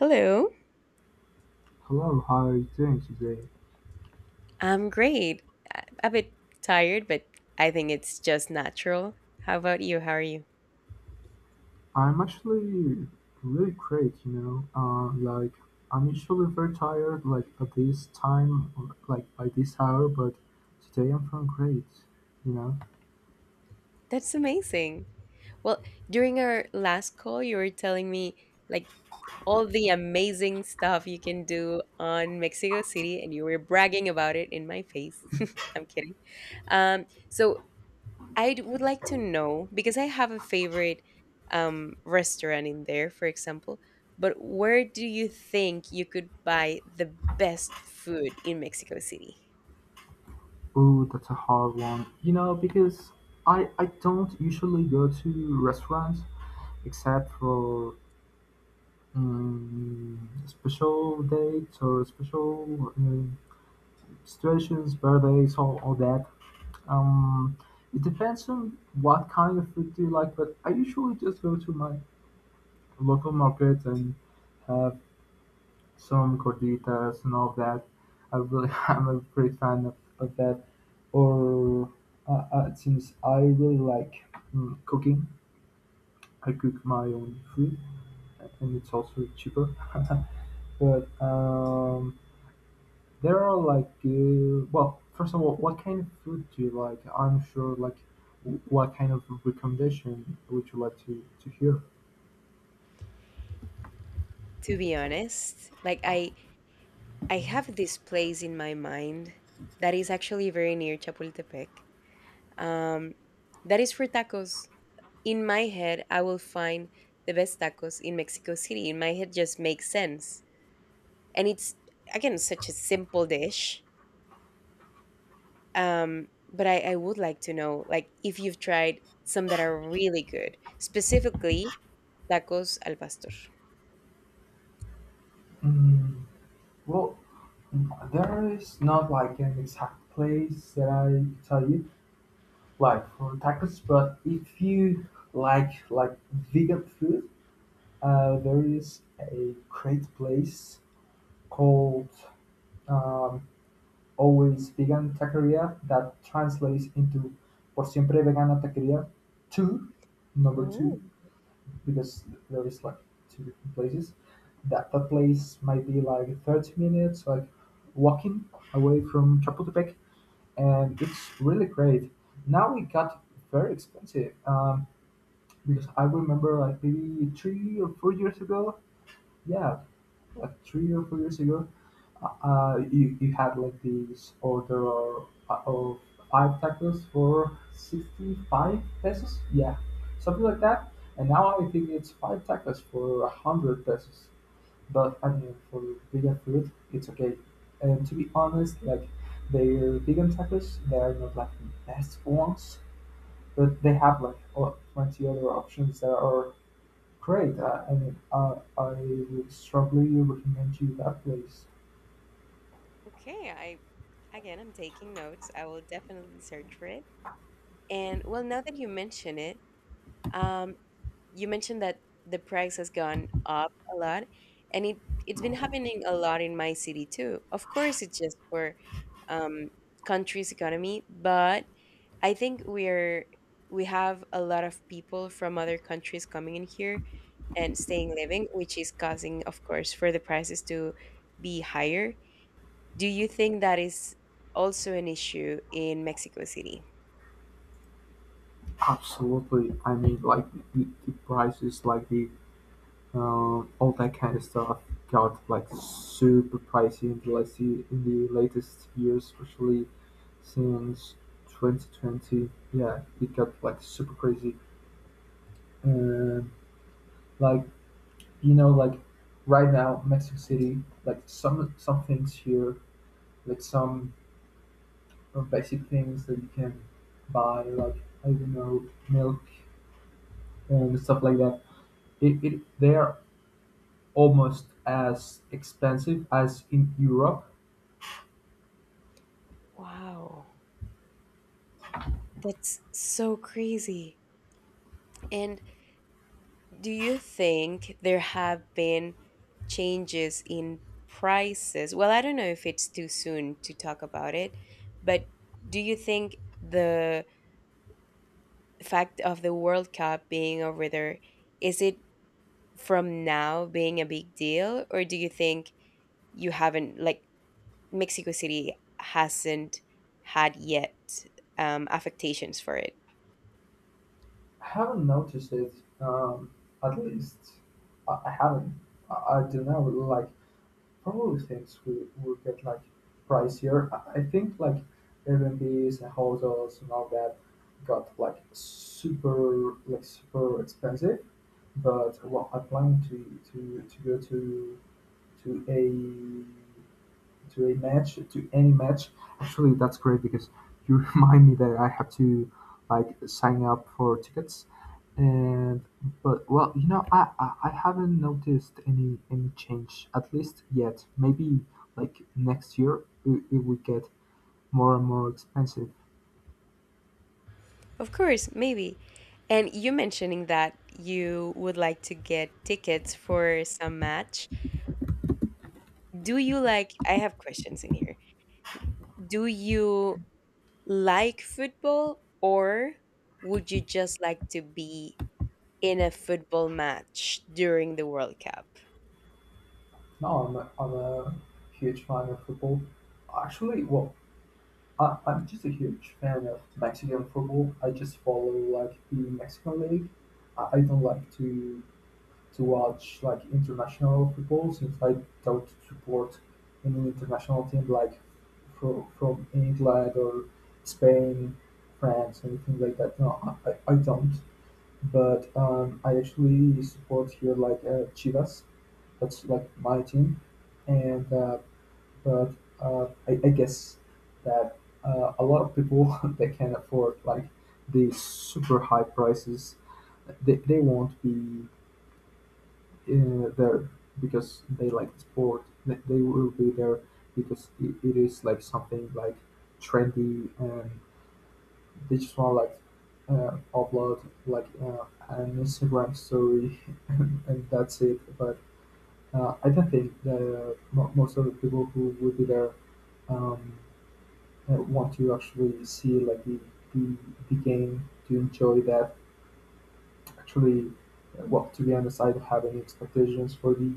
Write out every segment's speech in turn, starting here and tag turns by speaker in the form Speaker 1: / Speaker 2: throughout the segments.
Speaker 1: Hello.
Speaker 2: Hello, how are you doing today?
Speaker 1: I'm great. A bit tired, but I think it's just natural. How about you? How are you?
Speaker 2: I'm actually really great. Like I'm usually very tired, like at this time, or, like by this hour, but today I'm feeling great, you know.
Speaker 1: That's amazing. Well, during our last call, you were telling me like all the amazing stuff you can do on Mexico City, and you were bragging about it in my face. I'm kidding. Um, so I would like to know because I have a favorite restaurant in there, for example. But where do you think you could buy the best food in Mexico City?
Speaker 2: Ooh, that's a hard one, you know, because I don't usually go to restaurants except for special dates or special situations, birthdays, all that. Um, it depends on what kind of food do you like, but I usually just go to my local market and have some gorditas and all that. I really, I'm a great fan of that. Or since I really like cooking, I cook my own food, and it's also cheaper. But There are like, well, first of all, what kind of food do you like? I'm sure, like, what kind of recommendation would you like to hear?
Speaker 1: To be honest, I have this place in my mind that is actually very near Chapultepec. Um, that is for tacos. In my head, I will find the best tacos in Mexico City. In my head, just makes sense, and it's again such a simple dish. I would like to know, like, if you've tried some that are really good, specifically tacos al pastor.
Speaker 2: Mm, well, there is not like an exact place that I could tell you like for tacos, but if you like vegan food, there is a great place called um, Owens vegan taqueria that translates into "Por siempre vegana taqueria two, number
Speaker 1: Oh,
Speaker 2: two," because there is like two different places. That place might be like 30 minutes, like walking away from Chapultepec, and it's really great. Now it got very expensive because I remember like maybe 3 or 4 years ago, yeah, like 3 or 4 years ago, you had like this order of five tacos for 65 pesos. Yeah, something like that. And now I think it's five tacos for 100 pesos. But I mean, for vegan food, it's okay. And to be honest, like their vegan tacos, they are not like the best ones, but they have like plenty other options that are great. I mean, I would strongly recommend you that place.
Speaker 1: okay. I'm taking notes. I will definitely search for it. And well, now that you mention it, um, you mentioned that the price has gone up a lot, and it's been happening a lot in my city too. Of course, it's just for um, country's economy, but I think we're we have a lot of people from other countries coming in here and staying living, which is causing, of course, for the prices to be higher. Do you think that is also an issue in Mexico City?
Speaker 2: Absolutely. I mean, like the prices, like the all that kind of stuff, got like super pricey in the last in the latest years, especially since 2020. Yeah, it got like super crazy. And like you know, like right now, Mexico City, like some things here, like some basic things that you can buy, like I don't know, milk and stuff like that. It They're almost as expensive as in Europe.
Speaker 1: Wow, that's so crazy. And do you think there have been changes in prices? Well, I don't know if it's too soon to talk about it, but do you think the fact of the World Cup being over there is it from now being a big deal, or do you think you haven't like Mexico City hasn't had yet affectations for it?
Speaker 2: I haven't noticed it. Um, at least I haven't. I don't know. Like probably things will get like pricier. I think like Airbnbs and hotels and all that got like super expensive, but well, I plan to go to to a to a match, to any match. Actually, that's great because you remind me that I have to like sign up for tickets. And but well, you know, I haven't noticed any change at least yet. Maybe like next year it would get more and more expensive.
Speaker 1: Of course, maybe. And you mentioning that you would like to get tickets for some match. Do you like, I have questions in here. Do you like football or would you just like to be in a football match during the World Cup?
Speaker 2: No, I'm a huge fan of football. Actually, well, I'm just a huge fan of Mexican football. I just follow like the Mexican league. I don't like to watch like international football since I don't support any international team like from England or Spain, France, anything like that. No, I don't. But I actually support here like Chivas. That's like my team, and but I guess that a lot of people that can afford like these super high prices, they won't be there because they like the sport. They will be there because it is like something like trendy, and they just want like upload like an Instagram story and that's it. But I don't think that most of the people who would be there um, want to actually see like the, the game to enjoy that actually. Well, to be honest, I don't have any expectations for the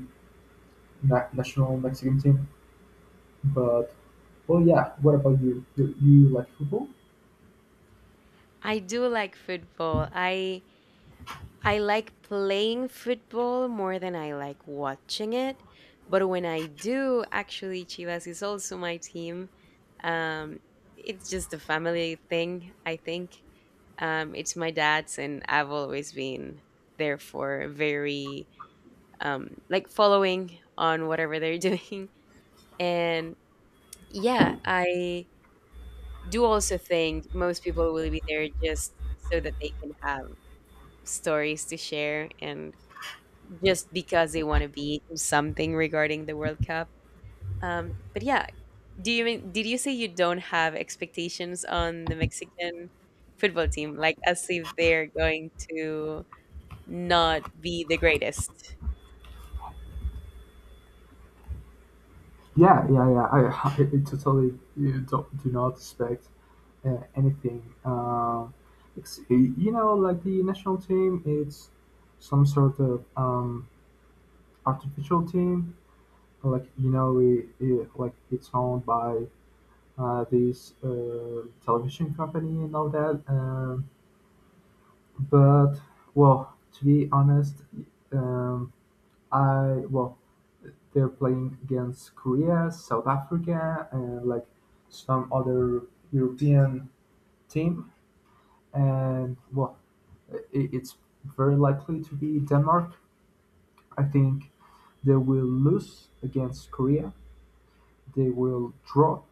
Speaker 2: national Mexican team, but well, yeah, what about you, do you like football?
Speaker 1: I do like football. I like playing football more than I like watching it. But when I do, actually, Chivas is also my team. Um, it's just a family thing, I think. It's my dad's, and I've always been therefore very like following on whatever they're doing. And yeah, I do also think most people will be there just so that they can have stories to share and just because they want to be in something regarding the World Cup. But yeah, do you mean did you say you don't have expectations on the Mexican football team, like as if they're going to not be the greatest?
Speaker 2: Yeah, yeah, yeah. I totally you don't, do not expect anything. It's, you know, like the national team, it's some sort of artificial team. Like you know, it's owned by this television company and all that. But well, to be honest, um, I well they're playing against Korea, South Africa, and like some other European team, and well, I it's very likely to be Denmark. I think they will lose against Korea. They will draw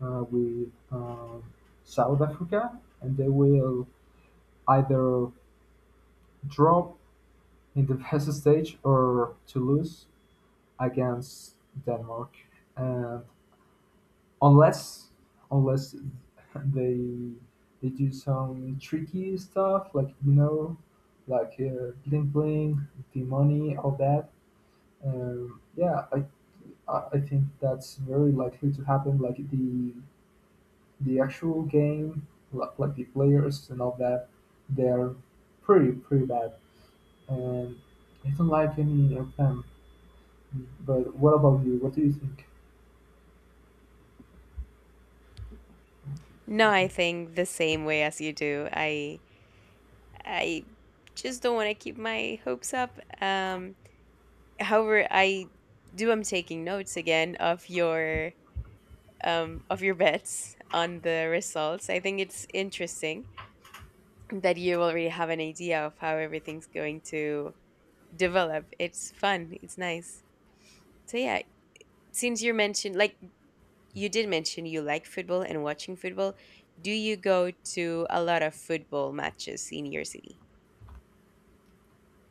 Speaker 2: with South Africa, and they will either draw in the first stage or to lose against Denmark, and unless unless they they do some tricky stuff like you know like bling bling, the money, all that. Yeah, I think that's very likely to happen. Like the actual game, like the players and all that, they're pretty bad. And I don't like any of them. But what about you? What do you think?
Speaker 1: No, I think the same way as you do. I just don't want to keep my hopes up. However, I do. I am taking notes again of your bets on the results. I think it's interesting that you already have an idea of how everything's going to develop. It's fun. It's nice. So yeah, since you mentioned like you did mention you like football and watching football, do you go to a lot of football matches in your city?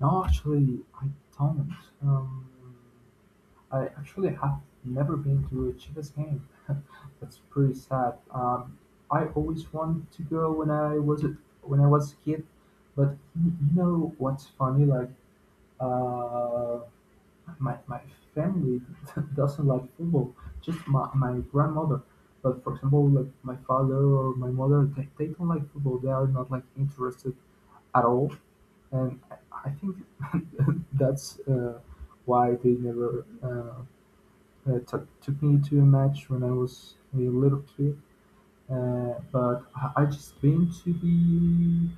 Speaker 2: No, actually, I don't. Um, I actually have never been to a Chivas game. That's pretty sad. I always wanted to go when I was when I was a kid, but you know what's funny? Like, um my family doesn't like football. Just my grandmother. But for example, like my father or my mother, they don't like football. They are not like interested at all. And I think that's why they never took me to a match when I was a little kid. But I just been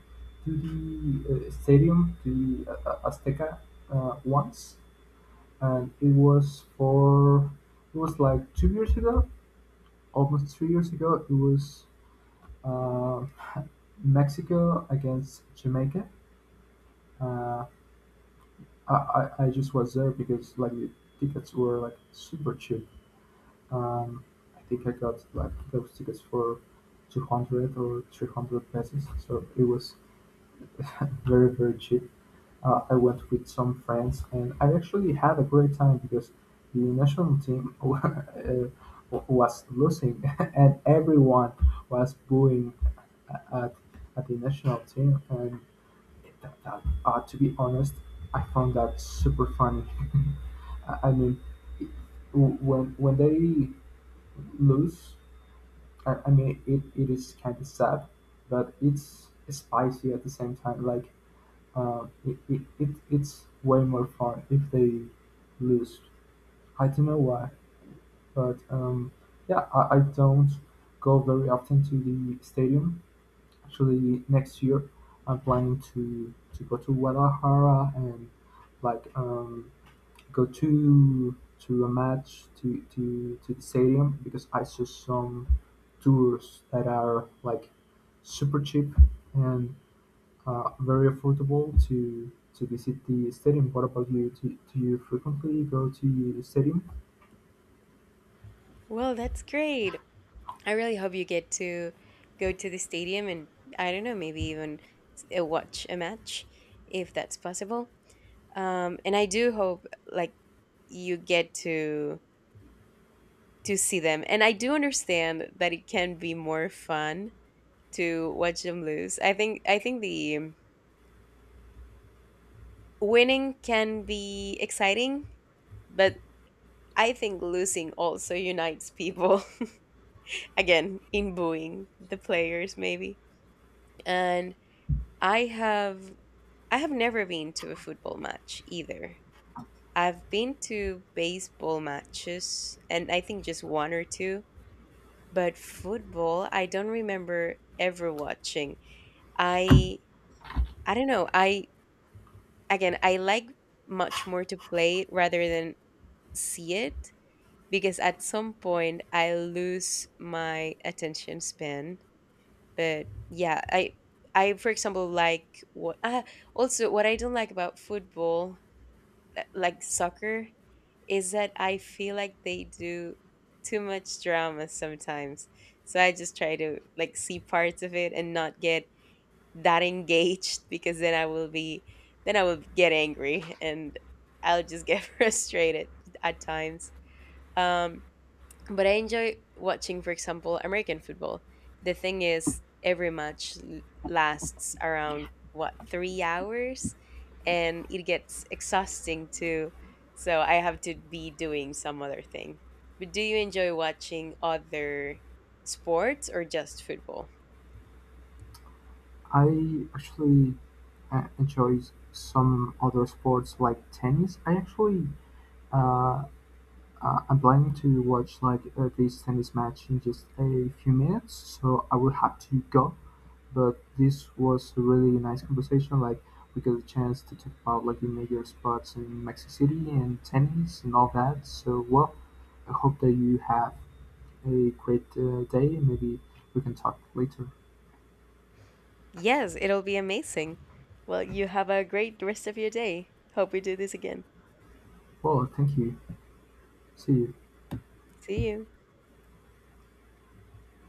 Speaker 2: to the stadium, to the Azteca once, and it was for it was like 2 years ago, almost 3 years ago. It was uh, Mexico against Jamaica. Uh, I just was there because like the tickets were like super cheap. Um, I think I got like those tickets for 200 or 300 pesos, so it was very cheap. I went with some friends and I actually had a great time because the national team uh, was losing and everyone was booing uh, at, at the national team and to be honest I found that super funny. I mean, it- when they lose, I mean it is kind of sad, but it's spicy at the same time. Like it's way more fun if they lose. I don't know why, but yeah, I don't go very often to the stadium. Actually, next year I'm planning to go to Guadalajara and like go to a match to the stadium because I saw some tours that are like super cheap and very affordable to visit the stadium. What about you? Do you frequently go to the stadium?
Speaker 1: Well, that's great. I really hope you get to go to the stadium and I don't know, maybe even watch a match if that's possible. And I do hope like you get to see them. And I do understand that it can be more fun to watch them lose. I think the winning can be exciting, but I think losing also unites people again in booing the players maybe. And I have I have never been to a football match either. I've been to baseball matches and I think just one or two, but football I don't remember ever watching. I I don't know. I like much more to play it rather than see it because at some point I lose my attention span. But yeah, I for example like also what I don't like about football, like soccer, is that I feel like they do too much drama sometimes. So I just try to like see parts of it and not get that engaged because then I will get angry and I'll just get frustrated at times. Um, but I enjoy watching, for example, American football. The thing is, every match lasts around what 3 hours, and it gets exhausting too. So I have to be doing some other thing. But do you enjoy watching other sports or just football?
Speaker 2: I actually enjoy some other sports like tennis. I actually uh, I'm planning to watch like this tennis match in just a few minutes, so I will have to go. But this was a really nice conversation. Like, we got a chance to talk about, like, the major spots in Mexico City and tennis and all that. So, well, I hope that you have a great day, maybe we can talk later.
Speaker 1: Yes, it'll be amazing. Well, you have a great rest of your day. Hope we do this again.
Speaker 2: Well, thank you. See you.
Speaker 1: See you.